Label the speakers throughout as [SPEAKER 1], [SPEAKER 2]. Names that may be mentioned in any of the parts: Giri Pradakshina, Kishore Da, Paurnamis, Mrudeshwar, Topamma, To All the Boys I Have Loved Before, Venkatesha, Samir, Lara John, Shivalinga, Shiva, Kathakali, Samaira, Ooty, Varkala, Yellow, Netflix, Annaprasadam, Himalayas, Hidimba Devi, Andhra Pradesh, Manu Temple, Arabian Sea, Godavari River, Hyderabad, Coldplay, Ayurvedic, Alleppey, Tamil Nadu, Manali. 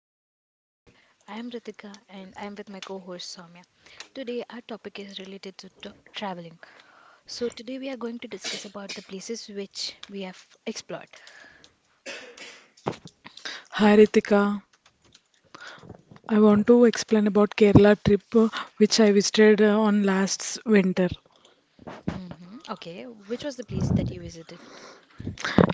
[SPEAKER 1] back to our podcast. I am Ritika and I am with my co host Soumya. Today, our topic is related to traveling. So, today we are going to discuss about the places which we have explored.
[SPEAKER 2] Hi Ritika, I want to explain about Kerala trip which I visited on last winter.
[SPEAKER 1] Hmm. Okay, which was the place that you visited?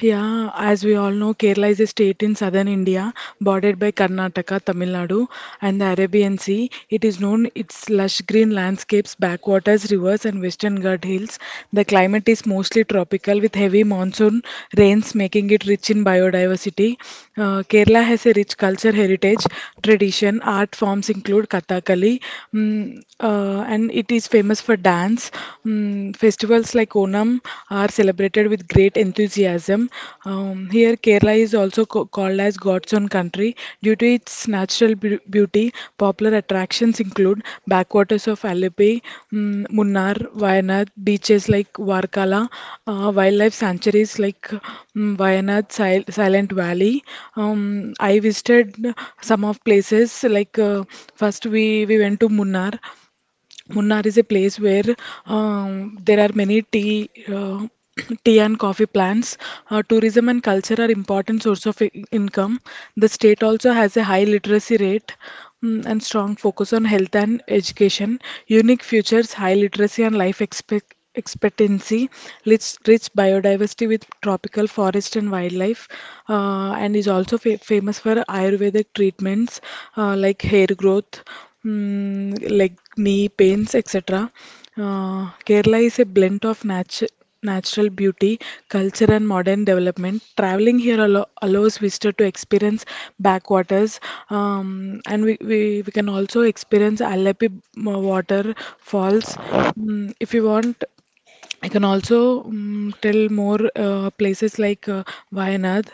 [SPEAKER 2] Yeah, as we all know, Kerala is a state in southern India, bordered by Karnataka, Tamil Nadu, and the Arabian Sea. It is known its lush green landscapes, backwaters, rivers, and western Ghats hills. The climate is mostly tropical, with heavy monsoon rains making it rich in biodiversity. Kerala has a rich culture heritage, tradition, art forms include Kathakali, and it is famous for dance, mm, Festivals like Onam are celebrated with great enthusiasm. Here, Kerala is also called as God's own country due to its natural beauty. Popular attractions include backwaters of Alipi, mm, Munnar, Wayanad, beaches like Varkala, wildlife sanctuaries like Wayanad, Silent Valley. I visited some of places like first we went to Munnar. Munnar is a place where there are many tea, tea and coffee plants. Tourism and culture are important source of income. The state also has a high literacy rate mm, and strong focus on health and education. Unique features, high literacy and life expectancy, rich biodiversity with tropical forest and wildlife, and is also famous for Ayurvedic treatments like hair growth. Hmm, like knee pains, etc. Kerala is a blend of natural beauty, culture, and modern development. Traveling here allows visitor to experience backwaters, and we can also experience Alleppey water falls. Mm, if you want, I can also tell more places like Wayanad.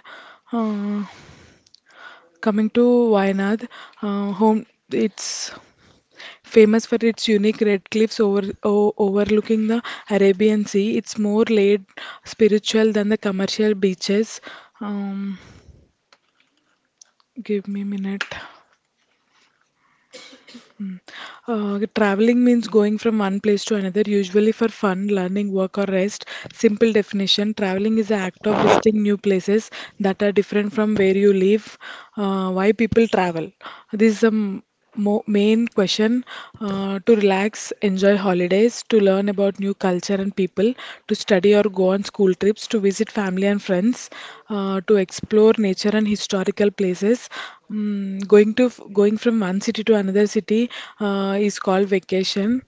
[SPEAKER 2] Uh, Coming to Wayanad, home it's Famous for its unique red cliffs over, overlooking the Arabian Sea, it's more laid spiritual than the commercial beaches. Um, Give me a minute. Traveling means going from one place to another, usually for fun, learning, work, or rest. Simple definition traveling is the act of visiting new places that are different from where you live. Why people travel? This is the main question. To relax, enjoy holidays, to learn about new culture and people, to study or go on school trips, to visit family and friends, to explore nature and historical places. Mm, going to going from one city to another city is called vacation.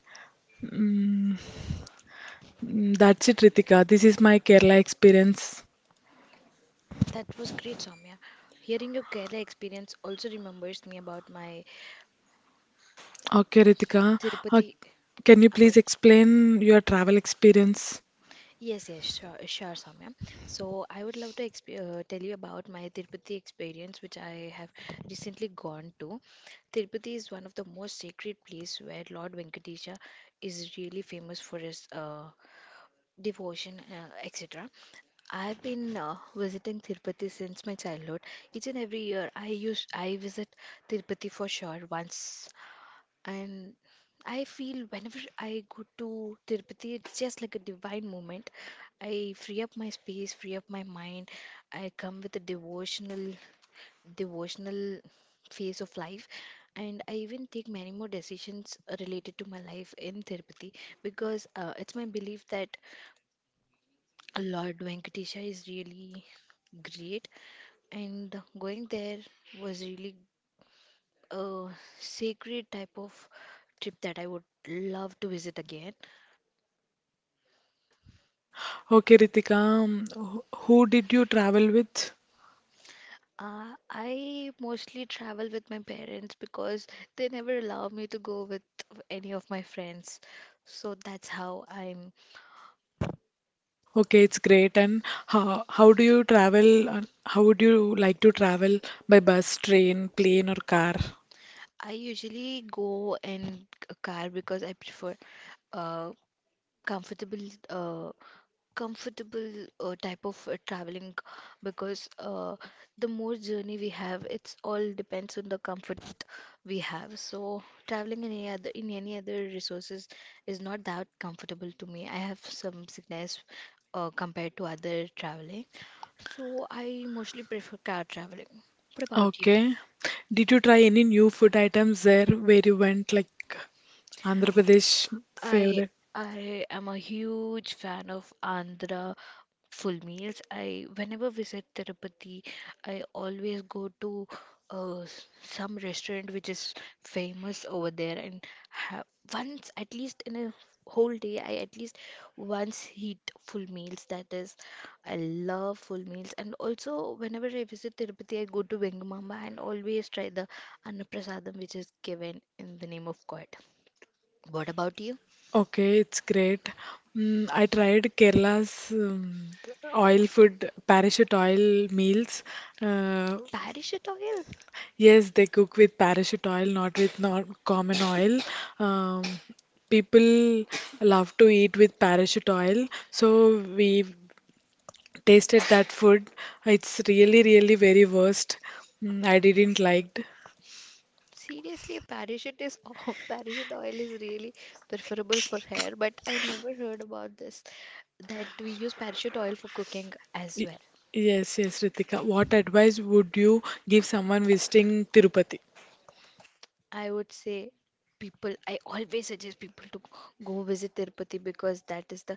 [SPEAKER 2] Mm, that's it, Ritika. This is my Kerala experience.
[SPEAKER 1] That was great, Soumya. Hearing your Kerala experience also remembers me about my
[SPEAKER 2] Okay, Ritika. Uh,
[SPEAKER 1] Tirupati,
[SPEAKER 2] can you please
[SPEAKER 1] about
[SPEAKER 2] explain your travel experience?
[SPEAKER 1] yes, yes, sure, sure, Soumya. So I would love to tell you about my Tirupati experience, which I have recently gone to. Tirupati is one of the most sacred place where Lord Venkatesha is really famous for his devotion, etc. I've been visiting Tirupati since my childhood. Each and every year, I visit Tirupati for sure once, and I feel whenever I go to Tirupati, it's just like a divine moment. I free up my space, free up my mind. I come with a devotional phase of life, and I even take many more decisions related to my life in Tirupati because it's my belief that Lord Venkatesha is really great, and going there was really a sacred type of trip that I would love to visit again.
[SPEAKER 2] Okay, Ritika, who did you travel with?
[SPEAKER 1] I mostly travel with my parents because they never allow me to go with any of my friends. So that's how I'm.
[SPEAKER 2] Okay, it's great. And how do you travel? How would you like to travel by bus, train, plane, or car?
[SPEAKER 1] I usually go in a car because I prefer uh, comfortable uh, type of traveling, because the more journey we have, it's all depends on the comfort we have. So traveling in any other resources is not that comfortable to me. I have some sickness compared to other traveling, so I mostly prefer car traveling. What about you?
[SPEAKER 2] Okay. Did you try any new food items there where you went, like Andhra Pradesh
[SPEAKER 1] I
[SPEAKER 2] favorite?
[SPEAKER 1] I am a huge fan of Andhra full meals. I whenever visit Tirupati, I always go to some restaurant which is famous over there and have once at least in a whole day. I at least once eat full meals. That is, I love full meals. And also whenever I visit Tirupati, I go to Vengamamba and always try the Annaprasadam which is given in the name of God. What about you?
[SPEAKER 2] Okay, it's great. Mm, I tried Kerala's oil food, parachute oil meals. Uh,
[SPEAKER 1] Parachute oil?
[SPEAKER 2] Yes, they cook with parachute oil, not with not common oil. Um, People love to eat with parachute oil, so we tasted that food. It's really very worst. Mm, I didn't liked.
[SPEAKER 1] Seriously, a parachute is oh, parachute oil is really preferable for hair, but I never heard about this that we use parachute oil for cooking as
[SPEAKER 2] Y-
[SPEAKER 1] well.
[SPEAKER 2] Yes, yes, Ritika. What advice would you give someone visiting Tirupati?
[SPEAKER 1] I would say people, I always suggest people to go visit Tirupati because that is the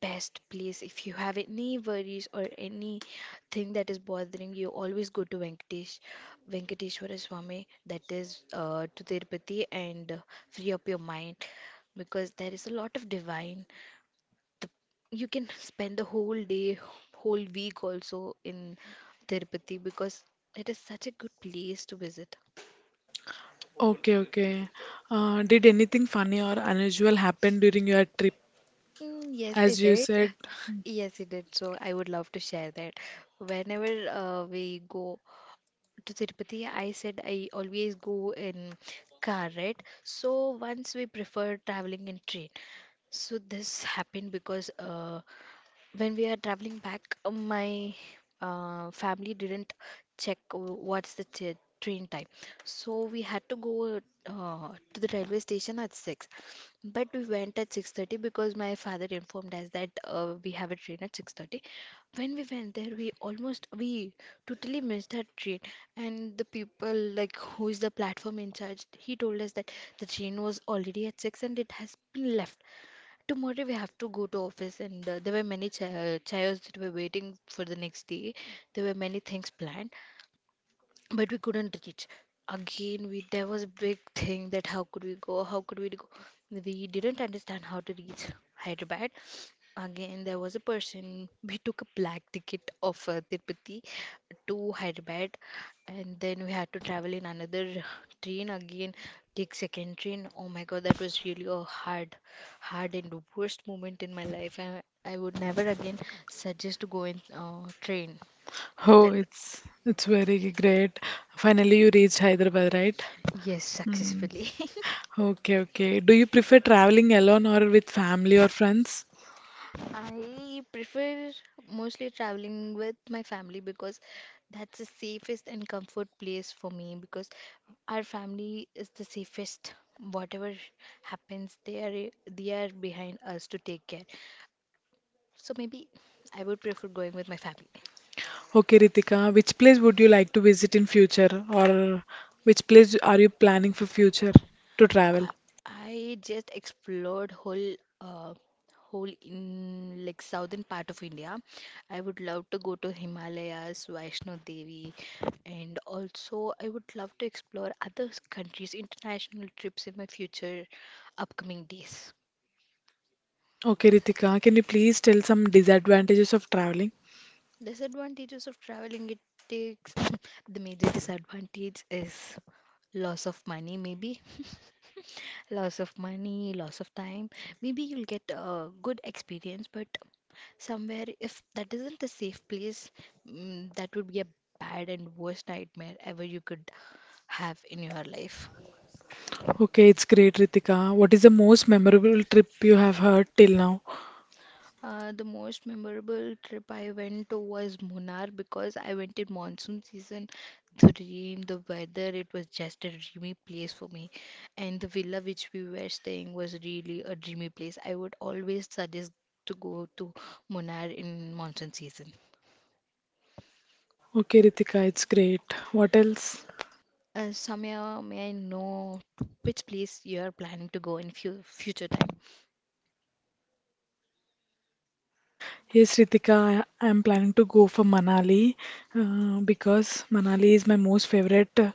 [SPEAKER 1] best place. If you have any worries or anything that is bothering you, always go to Venkatesh, Venkateshwara Swami, that is to Tirupati, and free up your mind because there is a lot of divine the, you can spend the whole day, whole week also in Tirupati because it is such a good place to visit.
[SPEAKER 2] Okay, okay. Did anything funny or unusual happen during your trip?
[SPEAKER 1] Mm, yes, it
[SPEAKER 2] As you
[SPEAKER 1] did.
[SPEAKER 2] said,
[SPEAKER 1] Yes, it did. So I would love to share that. Whenever we go to Tirupati, I said I always go in car, right? So once we prefer traveling in train. So this happened because when we are traveling back, my family didn't check what's the train time. So we had to go uh, to the railway station at 6. But we went at 6:30 because my father informed us that we have a train at 6:30. When we went there, we totally missed that train. And the people like who is the platform in charge, he told us that the train was already at 6 and it has been left. Tomorrow we have to go to office, and there were many chairs that were waiting for the next day. There were many things planned, but we couldn't reach. Again we there was a big thing that how could we go, how could we go, we didn't understand how to reach Hyderabad. Again, there was a person, we took a black ticket of Tirupati to Hyderabad, and then we had to travel in another train again, take second train. Oh my God, that was really a hard and worst moment in my life. I would never again suggest to go in train to
[SPEAKER 2] oh,
[SPEAKER 1] Tirupati.
[SPEAKER 2] it's very great. Finally, you reached Hyderabad, right?
[SPEAKER 1] Yes,
[SPEAKER 2] Hmm.
[SPEAKER 1] successfully.
[SPEAKER 2] Okay, okay. Do you prefer traveling alone or with family or friends?
[SPEAKER 1] I prefer mostly traveling with my family because that's the safest and comfort place for me, because our family is the safest. Whatever happens, they are behind us to take care. So maybe I would prefer going with my family.
[SPEAKER 2] Okay, Ritika, which place would you like to visit in future, or which place are you planning for future to travel?
[SPEAKER 1] I I just explored whole uh, in like southern part of India. I would love to go to Himalayas, Vaishno Devi, and also I would love to explore other countries, international trips in my future upcoming days.
[SPEAKER 2] Okay, Ritika, can you please tell some disadvantages of traveling?
[SPEAKER 1] Disadvantages of traveling, it takes the major disadvantage is loss of money, maybe. Loss of money, loss of time. Maybe you'll get a good experience, but somewhere, if that isn't a safe place, mm, that would be a bad and worst nightmare ever you could have in your life.
[SPEAKER 2] Okay, it's great, Ritika. What is the most memorable trip you have heard till now?
[SPEAKER 1] The most memorable trip I went to was Munnar because I went in monsoon season. The rain, the weather, it was just a dreamy place for me. And the villa which we were staying was really a dreamy place. I would always suggest to go to Munnar in monsoon season.
[SPEAKER 2] Okay, Ritika, it's great. What else?
[SPEAKER 1] Samya, may I know to which place you are planning to go in future time?
[SPEAKER 2] Yes, Ritika, I am planning to go for Manali because Manali is my most favorite uh,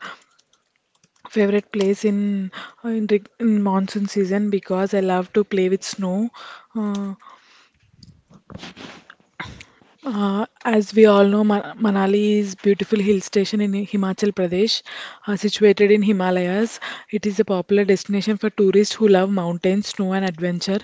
[SPEAKER 2] favorite place in monsoon season because I love to play with snow. Uh, as we all know, Manali is beautiful hill station in Himachal Pradesh, situated in Himalayas. It is a popular destination for tourists who love mountains, snow, and adventure.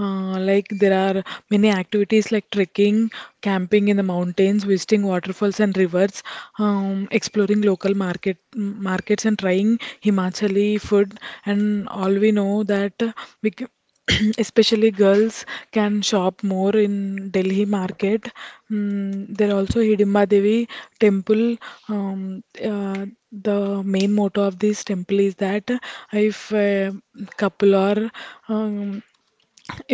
[SPEAKER 2] Like there are many activities like trekking, camping in the mountains, visiting waterfalls and rivers, exploring local market markets, and trying Himachali food. And all we know that we. c- especially girls can shop more in Delhi market Mm, there also Hidimba Devi temple. Um, uh, the main motto of this temple is that if a couple or um,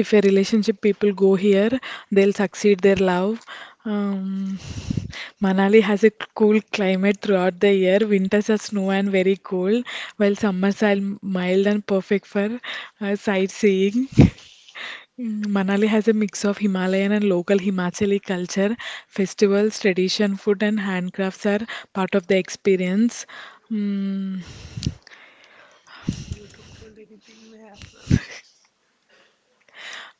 [SPEAKER 2] if a relationship people go here, they'll succeed their love. Um, Manali has a cool climate throughout the year. Winters are snow and very cold, while summers are mild and perfect for sightseeing. Mm, Manali has a mix of Himalayan and local Himachali culture. Festivals, tradition, food, and handcrafts are part of the experience. Mm,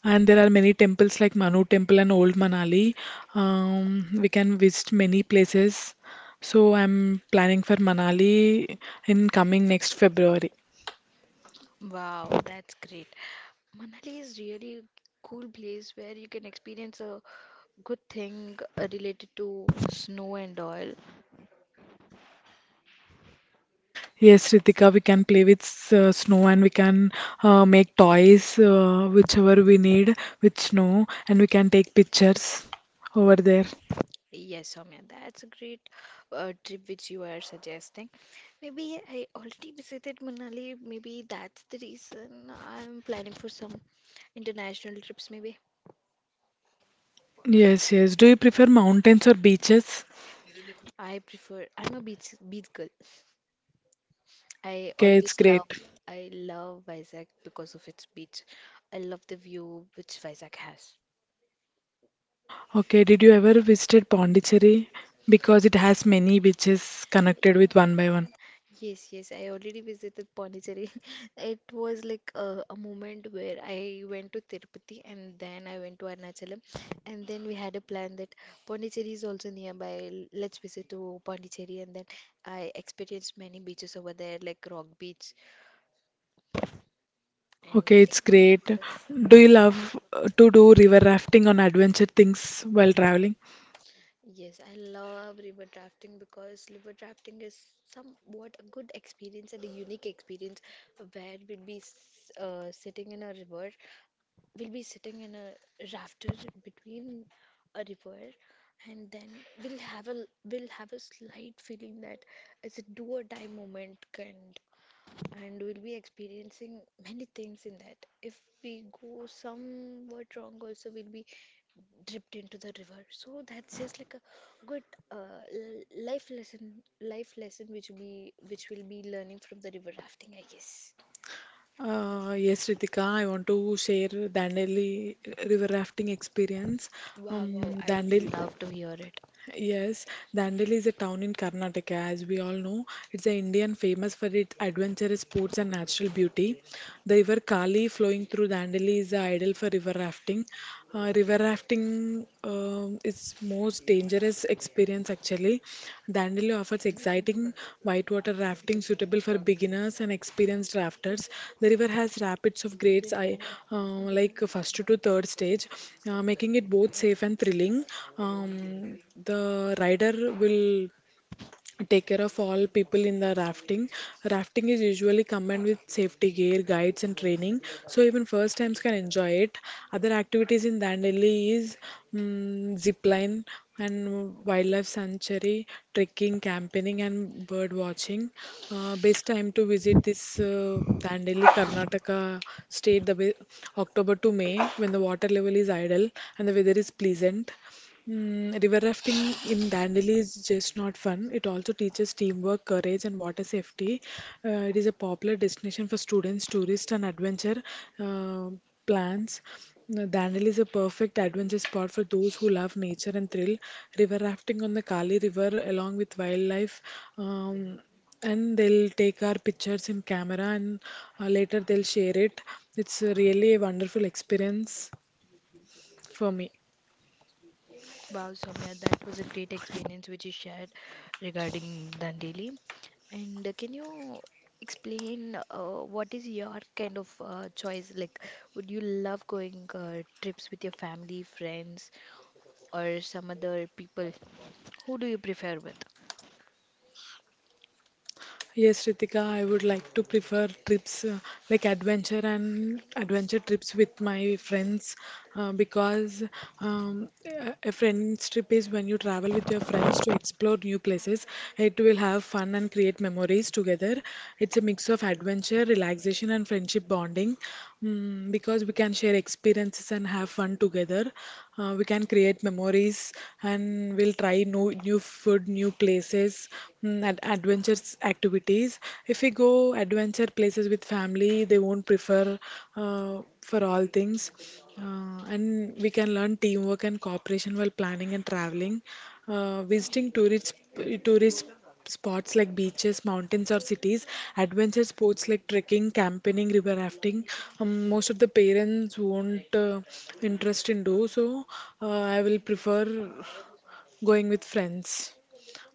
[SPEAKER 2] and there are many temples like Manu Temple and Old Manali. We can visit many places. So I'm planning for Manali in coming next February.
[SPEAKER 1] Wow, that's great. Manali is really cool place where you can experience a good thing related to snow and all.
[SPEAKER 2] Yes, Ritika, we can play with snow and we can make toys, whichever we need with snow, and we can take pictures over there.
[SPEAKER 1] Yes, Soumya, that's a great trip which you are suggesting. Maybe I already visited Manali. Maybe that's the reason I'm planning for some international trips. Maybe
[SPEAKER 2] Yes, yes. Do you prefer mountains or beaches?
[SPEAKER 1] I prefer. I'm a beach girl. I
[SPEAKER 2] Okay, it's
[SPEAKER 1] always love
[SPEAKER 2] great.
[SPEAKER 1] I love Vizag because of its beach. I love the view which Vizag has.
[SPEAKER 2] Okay, did you ever visited Pondicherry? Because it has many beaches connected with one by one.
[SPEAKER 1] Yes, yes, I already visited Pondicherry. It was like a moment where I went to Tirupati and then I went to Arunachalam, and then we had a plan that Pondicherry is also nearby. Let's visit to Pondicherry, and then I experienced many beaches over there like Rock Beach and
[SPEAKER 2] Okay,
[SPEAKER 1] like
[SPEAKER 2] it's
[SPEAKER 1] many
[SPEAKER 2] great.
[SPEAKER 1] waters.
[SPEAKER 2] Do you love to do river rafting on adventure things while traveling?
[SPEAKER 1] Yes, I love river drafting because river drafting is somewhat a good experience and a unique experience where we'll be sitting in a river. We'll be sitting in a rafter between a river, and then we'll have a slight feeling that it's a do or die moment, kind, and we'll be experiencing many things in that. If we go somewhat wrong, also we'll be dipped into the river. So that's just like a good uh, l- life lesson, life lesson which we'll be learning from the river rafting, I guess.
[SPEAKER 2] Yes, Ritika, I want to share Dandeli river rafting experience.
[SPEAKER 1] Wow, wow, I would
[SPEAKER 2] Dandeli
[SPEAKER 1] love to hear it.
[SPEAKER 2] Yes, Dandeli is a town in Karnataka, as we all know. It's an Indian famous for its adventurous sports and natural beauty. The river Kali flowing through Dandeli is ideal for river rafting. River rafting is most dangerous experience actually. Dandeli offers exciting whitewater rafting suitable for beginners and experienced rafters. The river has rapids of grades I, like first to third stage, making it both safe and thrilling. Um, the rider will take care of all people in the rafting. Rafting is usually combined with safety gear, guides, and training, so even first times can enjoy it. Other activities in Dandeli is zip line and wildlife sanctuary, trekking, campaigning, and bird watching. Best time to visit this Dandeli, Karnataka state, October to May when the water level is idle and the weather is pleasant. Mm, river rafting in Dandeli is just not fun. It also teaches teamwork, courage, and water safety. It is a popular destination for students, tourists, and adventure uh, plans. Now, Dandeli is a perfect adventure spot for those who love nature and thrill. River rafting on the Kali River, along with wildlife, um, and they'll take our pictures in camera, and later they'll share it. It's really a wonderful experience for me.
[SPEAKER 1] Wow, Soumya, that was a great experience which you shared regarding Dandeli. And can you explain what is your kind of choice? Like, would you love going trips with your family, friends, or some other people? Who do you prefer with?
[SPEAKER 2] Yes, Ritika, I would like to prefer trips like adventure trips with my friends because a friend's trip is when you travel with your friends to explore new places. It will have fun and create memories together. It's a mix of adventure, relaxation, and friendship bonding mm, because we can share experiences and have fun together. We can create memories and we'll try new food, new places and adventures activities. If we go adventure places with family, they won't prefer uh, for all things. And we can learn teamwork and cooperation while planning and traveling. Visiting tourist spots like beaches, mountains, or cities, adventure sports like trekking, camping, river rafting. Most of the parents won't interest in do so. I will prefer going with friends.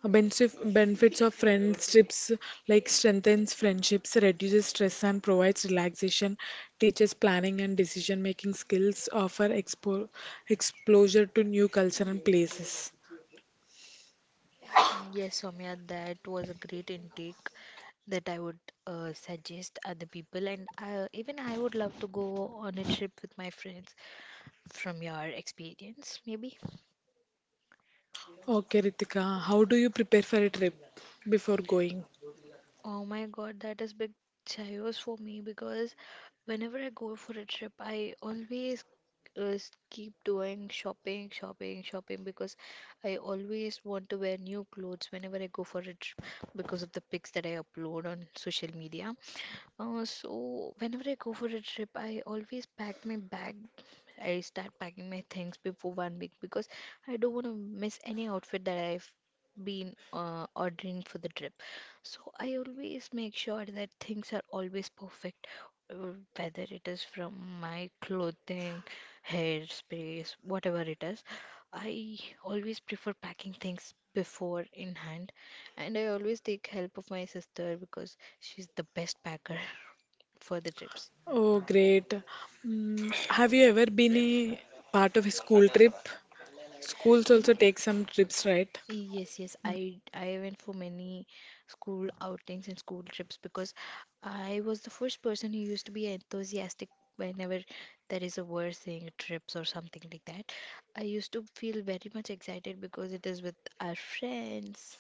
[SPEAKER 2] Benefits of friendships like strengthens friendships, reduces stress and provides relaxation, teaches planning and decision making skills, offer exposure to new culture and places.
[SPEAKER 1] Yes, Soumya, that was a great intake that I would suggest other people, and even I would love to go on a trip with my friends from your experience, maybe.
[SPEAKER 2] Okay, Ritika, how do you prepare for a trip before going?
[SPEAKER 1] Oh my God, that is big chayos for me because whenever I go for a trip, I always uh, keep doing shopping, shopping, shopping because I always want to wear new clothes whenever I go for a trip because of the pics that I upload on social media. So whenever I go for a trip, I always pack my bag. I start packing my things before 1 week because I don't want to miss any outfit that I've been ordering for the trip. So I always make sure that things are always perfect, whether it is from my clothing, hair sprays, whatever it is. I always prefer packing things before in hand, and I always take help of my sister because she's the best packer for the trips.
[SPEAKER 2] Oh, great. Mm, have you ever been a part of a school trip? Schools also
[SPEAKER 1] Y-
[SPEAKER 2] take some trips, right?
[SPEAKER 1] Yes, yes, I went for many school outings and school trips because I was the first person who used to be enthusiastic whenever there is a word saying trips or something like that. I used to feel very much excited because it is with our friends.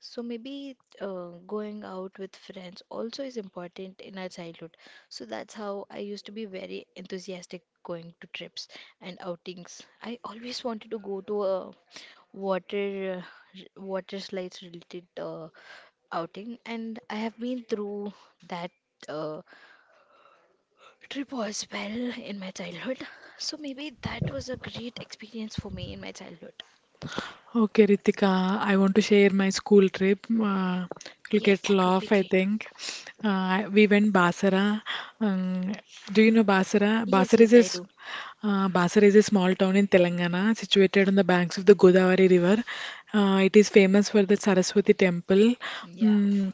[SPEAKER 1] So maybe going out with friends also is important in our childhood. So that's how I used to be very enthusiastic going to trips and outings. I always wanted to go to a water water slides related outing, and I have been through that uh, trip as well in my childhood. So maybe that was a great experience for me in my childhood.
[SPEAKER 2] Okay, Ritika, I want to share my school trip. You'll
[SPEAKER 1] Yes,
[SPEAKER 2] get
[SPEAKER 1] that would be
[SPEAKER 2] laugh, I
[SPEAKER 1] great.
[SPEAKER 2] think. We went Basra. Um, do you know Basra?
[SPEAKER 1] Yes, yes, I do.
[SPEAKER 2] Basra is a small town in Telangana, situated on the banks of the Godavari River. It is famous for the Saraswati temple.
[SPEAKER 1] Yeah.
[SPEAKER 2] Mm,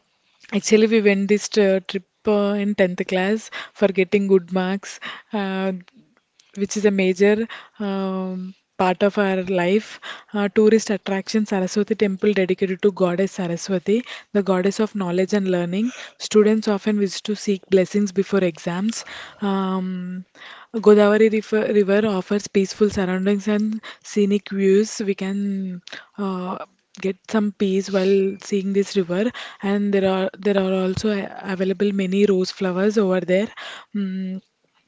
[SPEAKER 2] Actually, we went this trip in 10th class for getting good marks. Uh, which is a major part of our life. Tourist attraction Saraswati temple dedicated to goddess Saraswati, the goddess of knowledge and learning. Students often visit to seek blessings before exams. Um, Godavari river offers peaceful surroundings and scenic views. We can uh, get some peace while seeing this river and there are also available many rose flowers over there. Mm,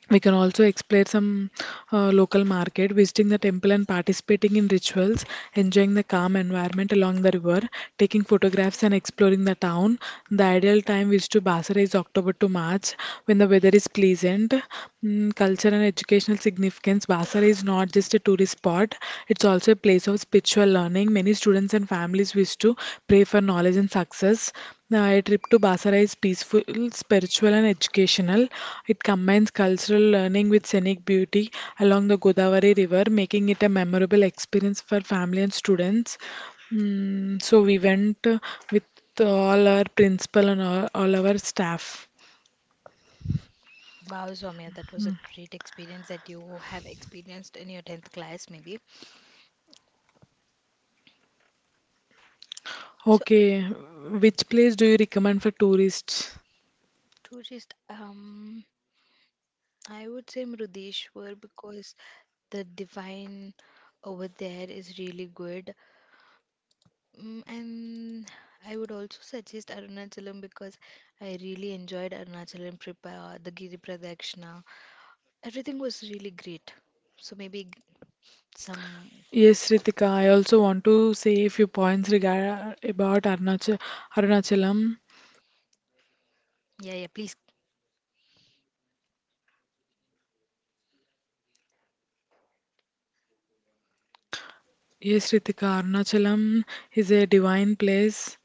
[SPEAKER 2] we can also explore some local market, visiting the temple and participating in rituals, enjoying the calm environment along the river, taking photographs and exploring the town. The ideal time is to Basra is October to March when the weather is pleasant. Mm, culture and educational significance. Basar is not just a tourist spot, it's also a place of spiritual learning. Many students and families wish to pray for knowledge and success. Now, a trip to Basra is peaceful, spiritual, and educational. It combines cultural learning with scenic beauty along the Godavari River, making it a memorable experience for family and students. So we went with all our principal and all our staff.
[SPEAKER 1] Wow, Soumya, that was
[SPEAKER 2] Hmm.
[SPEAKER 1] a great experience that you have experienced in your 10th class, maybe. So,
[SPEAKER 2] Okay, which place do you recommend for tourists?
[SPEAKER 1] tourist, um, I would say Mrudeshwar because the divine over there is really good. And I would also suggest Arunachalam because I really enjoyed Arunachalam trip, the Giri Pradakshina. Everything was really great. So, maybe g- some,
[SPEAKER 2] Yes, Ritika, I also want to say a few points regard about Arunachalam.
[SPEAKER 1] yeah, yeah, please.
[SPEAKER 2] Yes, Ritika, Arunachalam is a divine place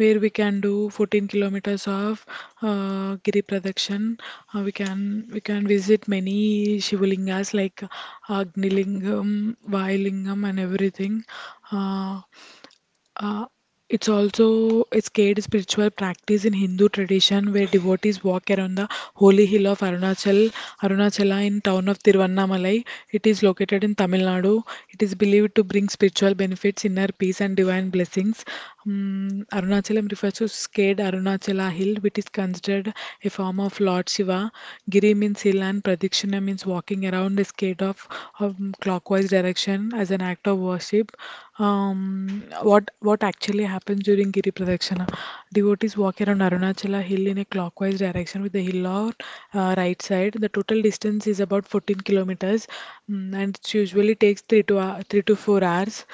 [SPEAKER 2] where we can do 14 kilometers of Giri Pradakshan. We can visit many Shivalingas like Agnilingam, Vailingam, and everything. Uh, Uh, it's also a scared spiritual practice in Hindu tradition where devotees walk around the holy hill of Arunachala in town of Tiruvannamalai. It is located in Tamil Nadu. It is believed to bring spiritual benefits, inner peace, and divine blessings. Arunachalam refers to scared Arunachala hill, which is considered a form of Lord Shiva. Giri means hill, and Pradikshina means walking around a scared of clockwise direction as an act of worship. What actually happens during Giri Pradakshina? Devotees walk around Arunachala hill in a clockwise direction with the hill on right side. The total distance is about 14 kilometers, mm, and it usually takes 3 to 4 hours.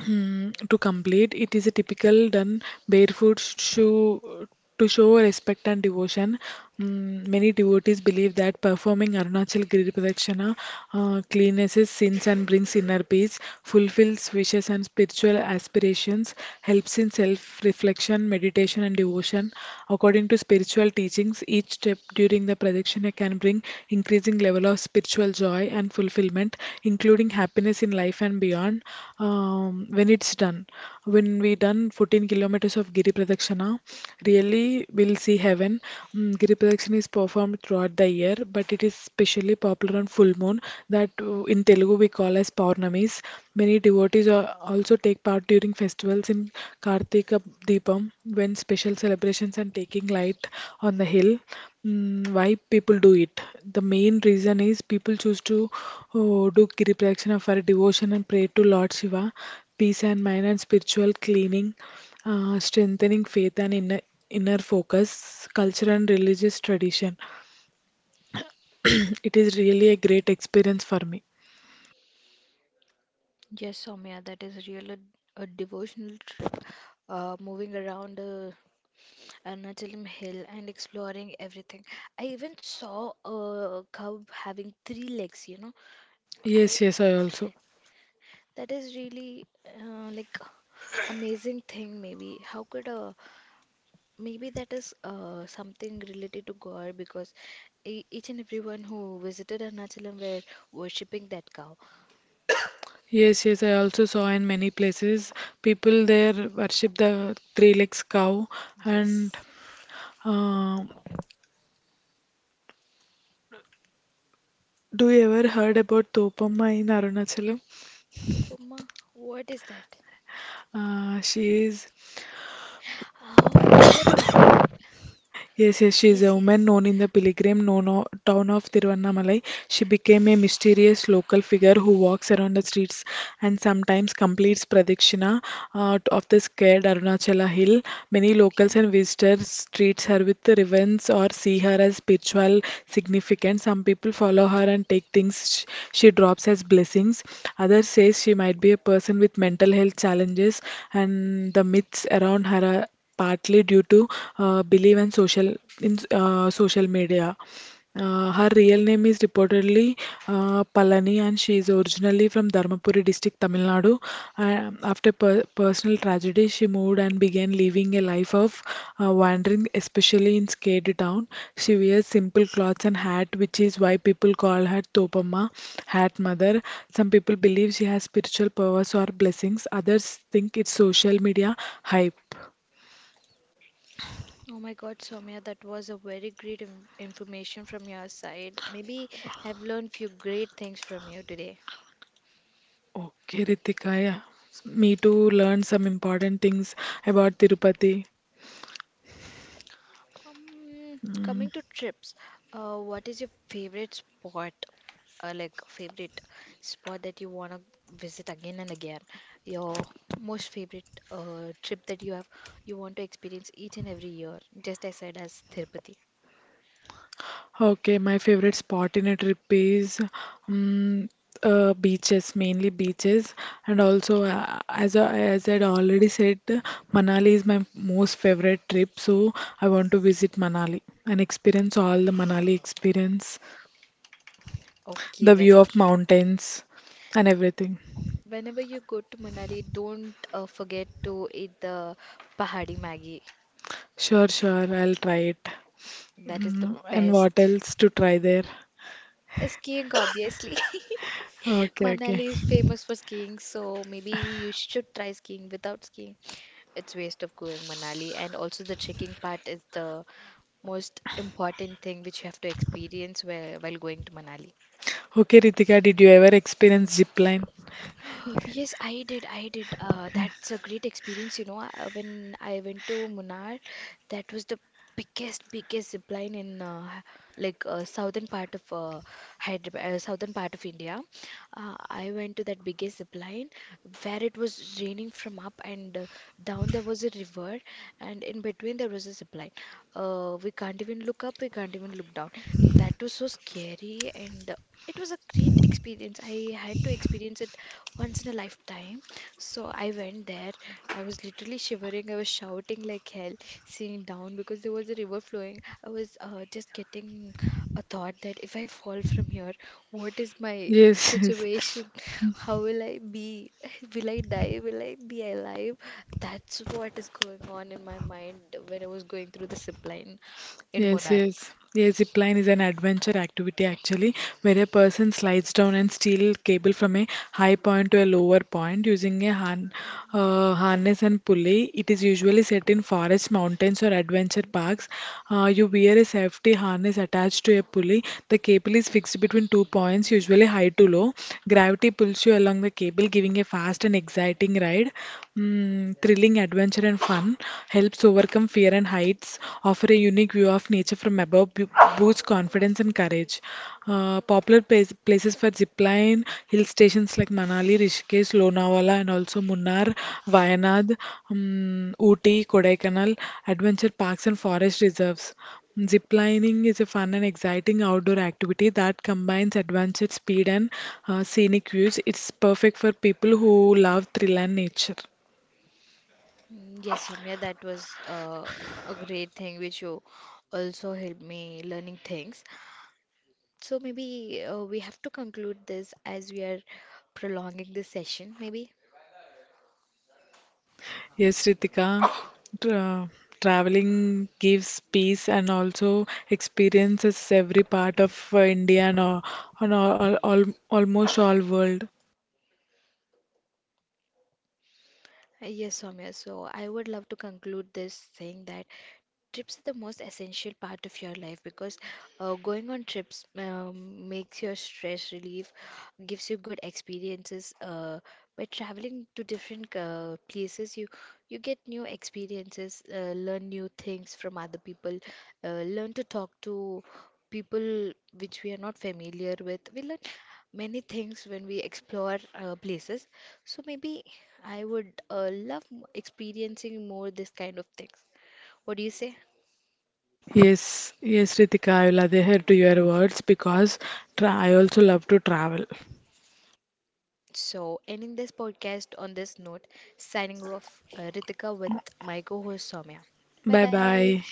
[SPEAKER 2] Hmm, to complete. It is a typical done barefoot shoe to show respect and devotion. Mm, many devotees believe that performing Arunachal Giri Pradakshina cleanses sins and brings inner peace, fulfills wishes and spiritual aspirations, helps in self reflection, meditation, and devotion. According to spiritual teachings, each step during keeping the prediction I can bring increasing level of spiritual joy and fulfillment, including happiness in life and beyond. Um, when it's done, when we done 14 kilometers of Giri Pradakshana, really we'll see heaven. Mm, Giri Pradakshana is performed throughout the year, but it is especially popular on full moon that in Telugu we call as Paurnamis. Many devotees are, also take part during festivals in Kartika Deepam when special celebrations and taking light on the hill. Mm, why people do it? The main reason is people choose to oh, do Giri Pradakshina for devotion and pray to Lord Shiva, peace and mind and spiritual cleaning, strengthening faith and inner focus, culture and religious tradition. It is really a great experience for me.
[SPEAKER 1] Yes, Soumya, that is really a devotional trip. Moving around Arunachal Hill and exploring everything. I even saw a cow having three legs, you know.
[SPEAKER 2] Yes,
[SPEAKER 1] I
[SPEAKER 2] yes, I also.
[SPEAKER 1] that is really uh, like amazing thing maybe. How could Maybe that is something related to God because e each and everyone who visited Arunachalam were worshipping that cow.
[SPEAKER 2] Yes, yes, I also saw in many places people there worship the three legs cow. And
[SPEAKER 1] Yes.
[SPEAKER 2] uh, do you ever heard about Topamma in Arunachalam?
[SPEAKER 1] Tobama, what is that?
[SPEAKER 2] She is
[SPEAKER 1] Oh, Tobema.
[SPEAKER 2] yes, yes, she is a
[SPEAKER 1] Yes,
[SPEAKER 2] woman
[SPEAKER 1] yes.
[SPEAKER 2] known in the town of Tiruvannamalai. She became a mysterious local figure who walks around the streets and sometimes completes pradikshina of the scared Arunachala hill. Many locals
[SPEAKER 1] Okay.
[SPEAKER 2] and visitors treat her with reverence or see her as spiritual significance. Some people follow her and take things she drops as blessings. Others say she might be a person with mental health challenges and the myths around her are partly due to belief and social media. Her real name is reportedly Palani, and she is originally from Dharmapuri district, Tamil Nadu. After personal tragedy, she moved and began living a life of wandering, especially in Skate town. She wears simple clothes and hat, which is why people call her Topamma, hat mother. Some people believe she has spiritual powers or blessings, others think it's social media hype.
[SPEAKER 1] Oh my God, Soumya, that was a very great information from your side. Maybe I've learned few great things from you today.
[SPEAKER 2] Okay, Ritika, yeah. Me too learn some important things about Tirupati.
[SPEAKER 1] Coming to trips, what is your favorite spot? Like favorite spot that you wanna visit again and again. Your most favorite trip that you have, you want to experience each and every year, just as said as Tirupati.
[SPEAKER 2] Okay, my favorite spot in a trip is um, beaches, mainly beaches, and also
[SPEAKER 1] Okay.
[SPEAKER 2] as I had already said, Manali is my most favorite trip, so I want to visit Manali and experience all the Manali experience,
[SPEAKER 1] Okay,
[SPEAKER 2] the view
[SPEAKER 1] whenever.
[SPEAKER 2] of mountains and everything.
[SPEAKER 1] Whenever you go to Manali, don't forget to eat the Pahadi Maggi.
[SPEAKER 2] Sure, sure, I'll try it.
[SPEAKER 1] That is the
[SPEAKER 2] Mm, and what
[SPEAKER 1] best.
[SPEAKER 2] else to try there?
[SPEAKER 1] Skiing, obviously.
[SPEAKER 2] Okay, okay.
[SPEAKER 1] Manali is famous for skiing, so maybe you should try skiing without skiing. It's waste of going Manali, and also the trekking part is the most important thing which you have to experience where, while going to Manali.
[SPEAKER 2] Okay, Ritika, did you ever experience zip line?
[SPEAKER 1] Yes, I did. I did. That's a great experience. You know, when I went to Munnar, that was the biggest zip line in southern part of Hyderabad, southern part of India. I went to that biggest zip line where it was raining from up and down. There was a river, and in between there was a zip line. We can't even look up. We can't even look down. That was so scary and. It was a great experience. I had to experience it once in a lifetime. So I went there. I was literally shivering. I was shouting like hell, seeing down because there was a river flowing. I was just getting a thought that if I fall from here, what is my
[SPEAKER 2] Yes, yes.
[SPEAKER 1] situation? How will I be? Will I die? Will I be alive? That's what is going on in my mind when I was going through the zip line in
[SPEAKER 2] Yes,
[SPEAKER 1] Munnar.
[SPEAKER 2] yes. Yes, zip line is an adventure activity actually, where a person slides down and steal cable from a high point to a lower point using a han harness and pulley. It is usually set in forests, mountains, or adventure parks. You wear a safety harness attached to a pulley. The cable is fixed between two points, usually high to low. Gravity pulls you along the cable, giving a fast and exciting ride. Mm, thrilling adventure and fun. Helps overcome fear and heights, offer a unique view of nature from above, boosts confidence and courage. Places for zipline, hill stations like Manali, Rishikesh, Lonavala, and also Munnar, Wayanad, Ooty, Kodaikanal, adventure parks and forest reserves. Zip lining is a fun and exciting outdoor activity that combines adventure, speed, and scenic views. It's perfect for people who love thrill and nature.
[SPEAKER 1] Mm, yes, Ramya, that was a great thing which you also helped me learning things. So maybe we have to conclude this as we are prolonging this session, maybe.
[SPEAKER 2] Yes, Ritika, tra- traveling gives peace and also experiences every part of India and all, on all, all, almost all world.
[SPEAKER 1] Yes, Soumya. So I would love to conclude this saying that trips are the most essential part of your life because going on trips makes your stress relief, gives you good experiences. By traveling to different places, you get new experiences, learn new things from other people, learn to talk to people which we are not familiar with. We learn many things when we explore places. So maybe I would love experiencing more this kind of things. What do you say?
[SPEAKER 2] Yes, yes, Ritika, I will adhere to your words because I also love to travel.
[SPEAKER 1] So, ending this podcast on this note, signing off, Ritika with my co host Soumya. Bye
[SPEAKER 2] Bye
[SPEAKER 1] bye.
[SPEAKER 2] bye.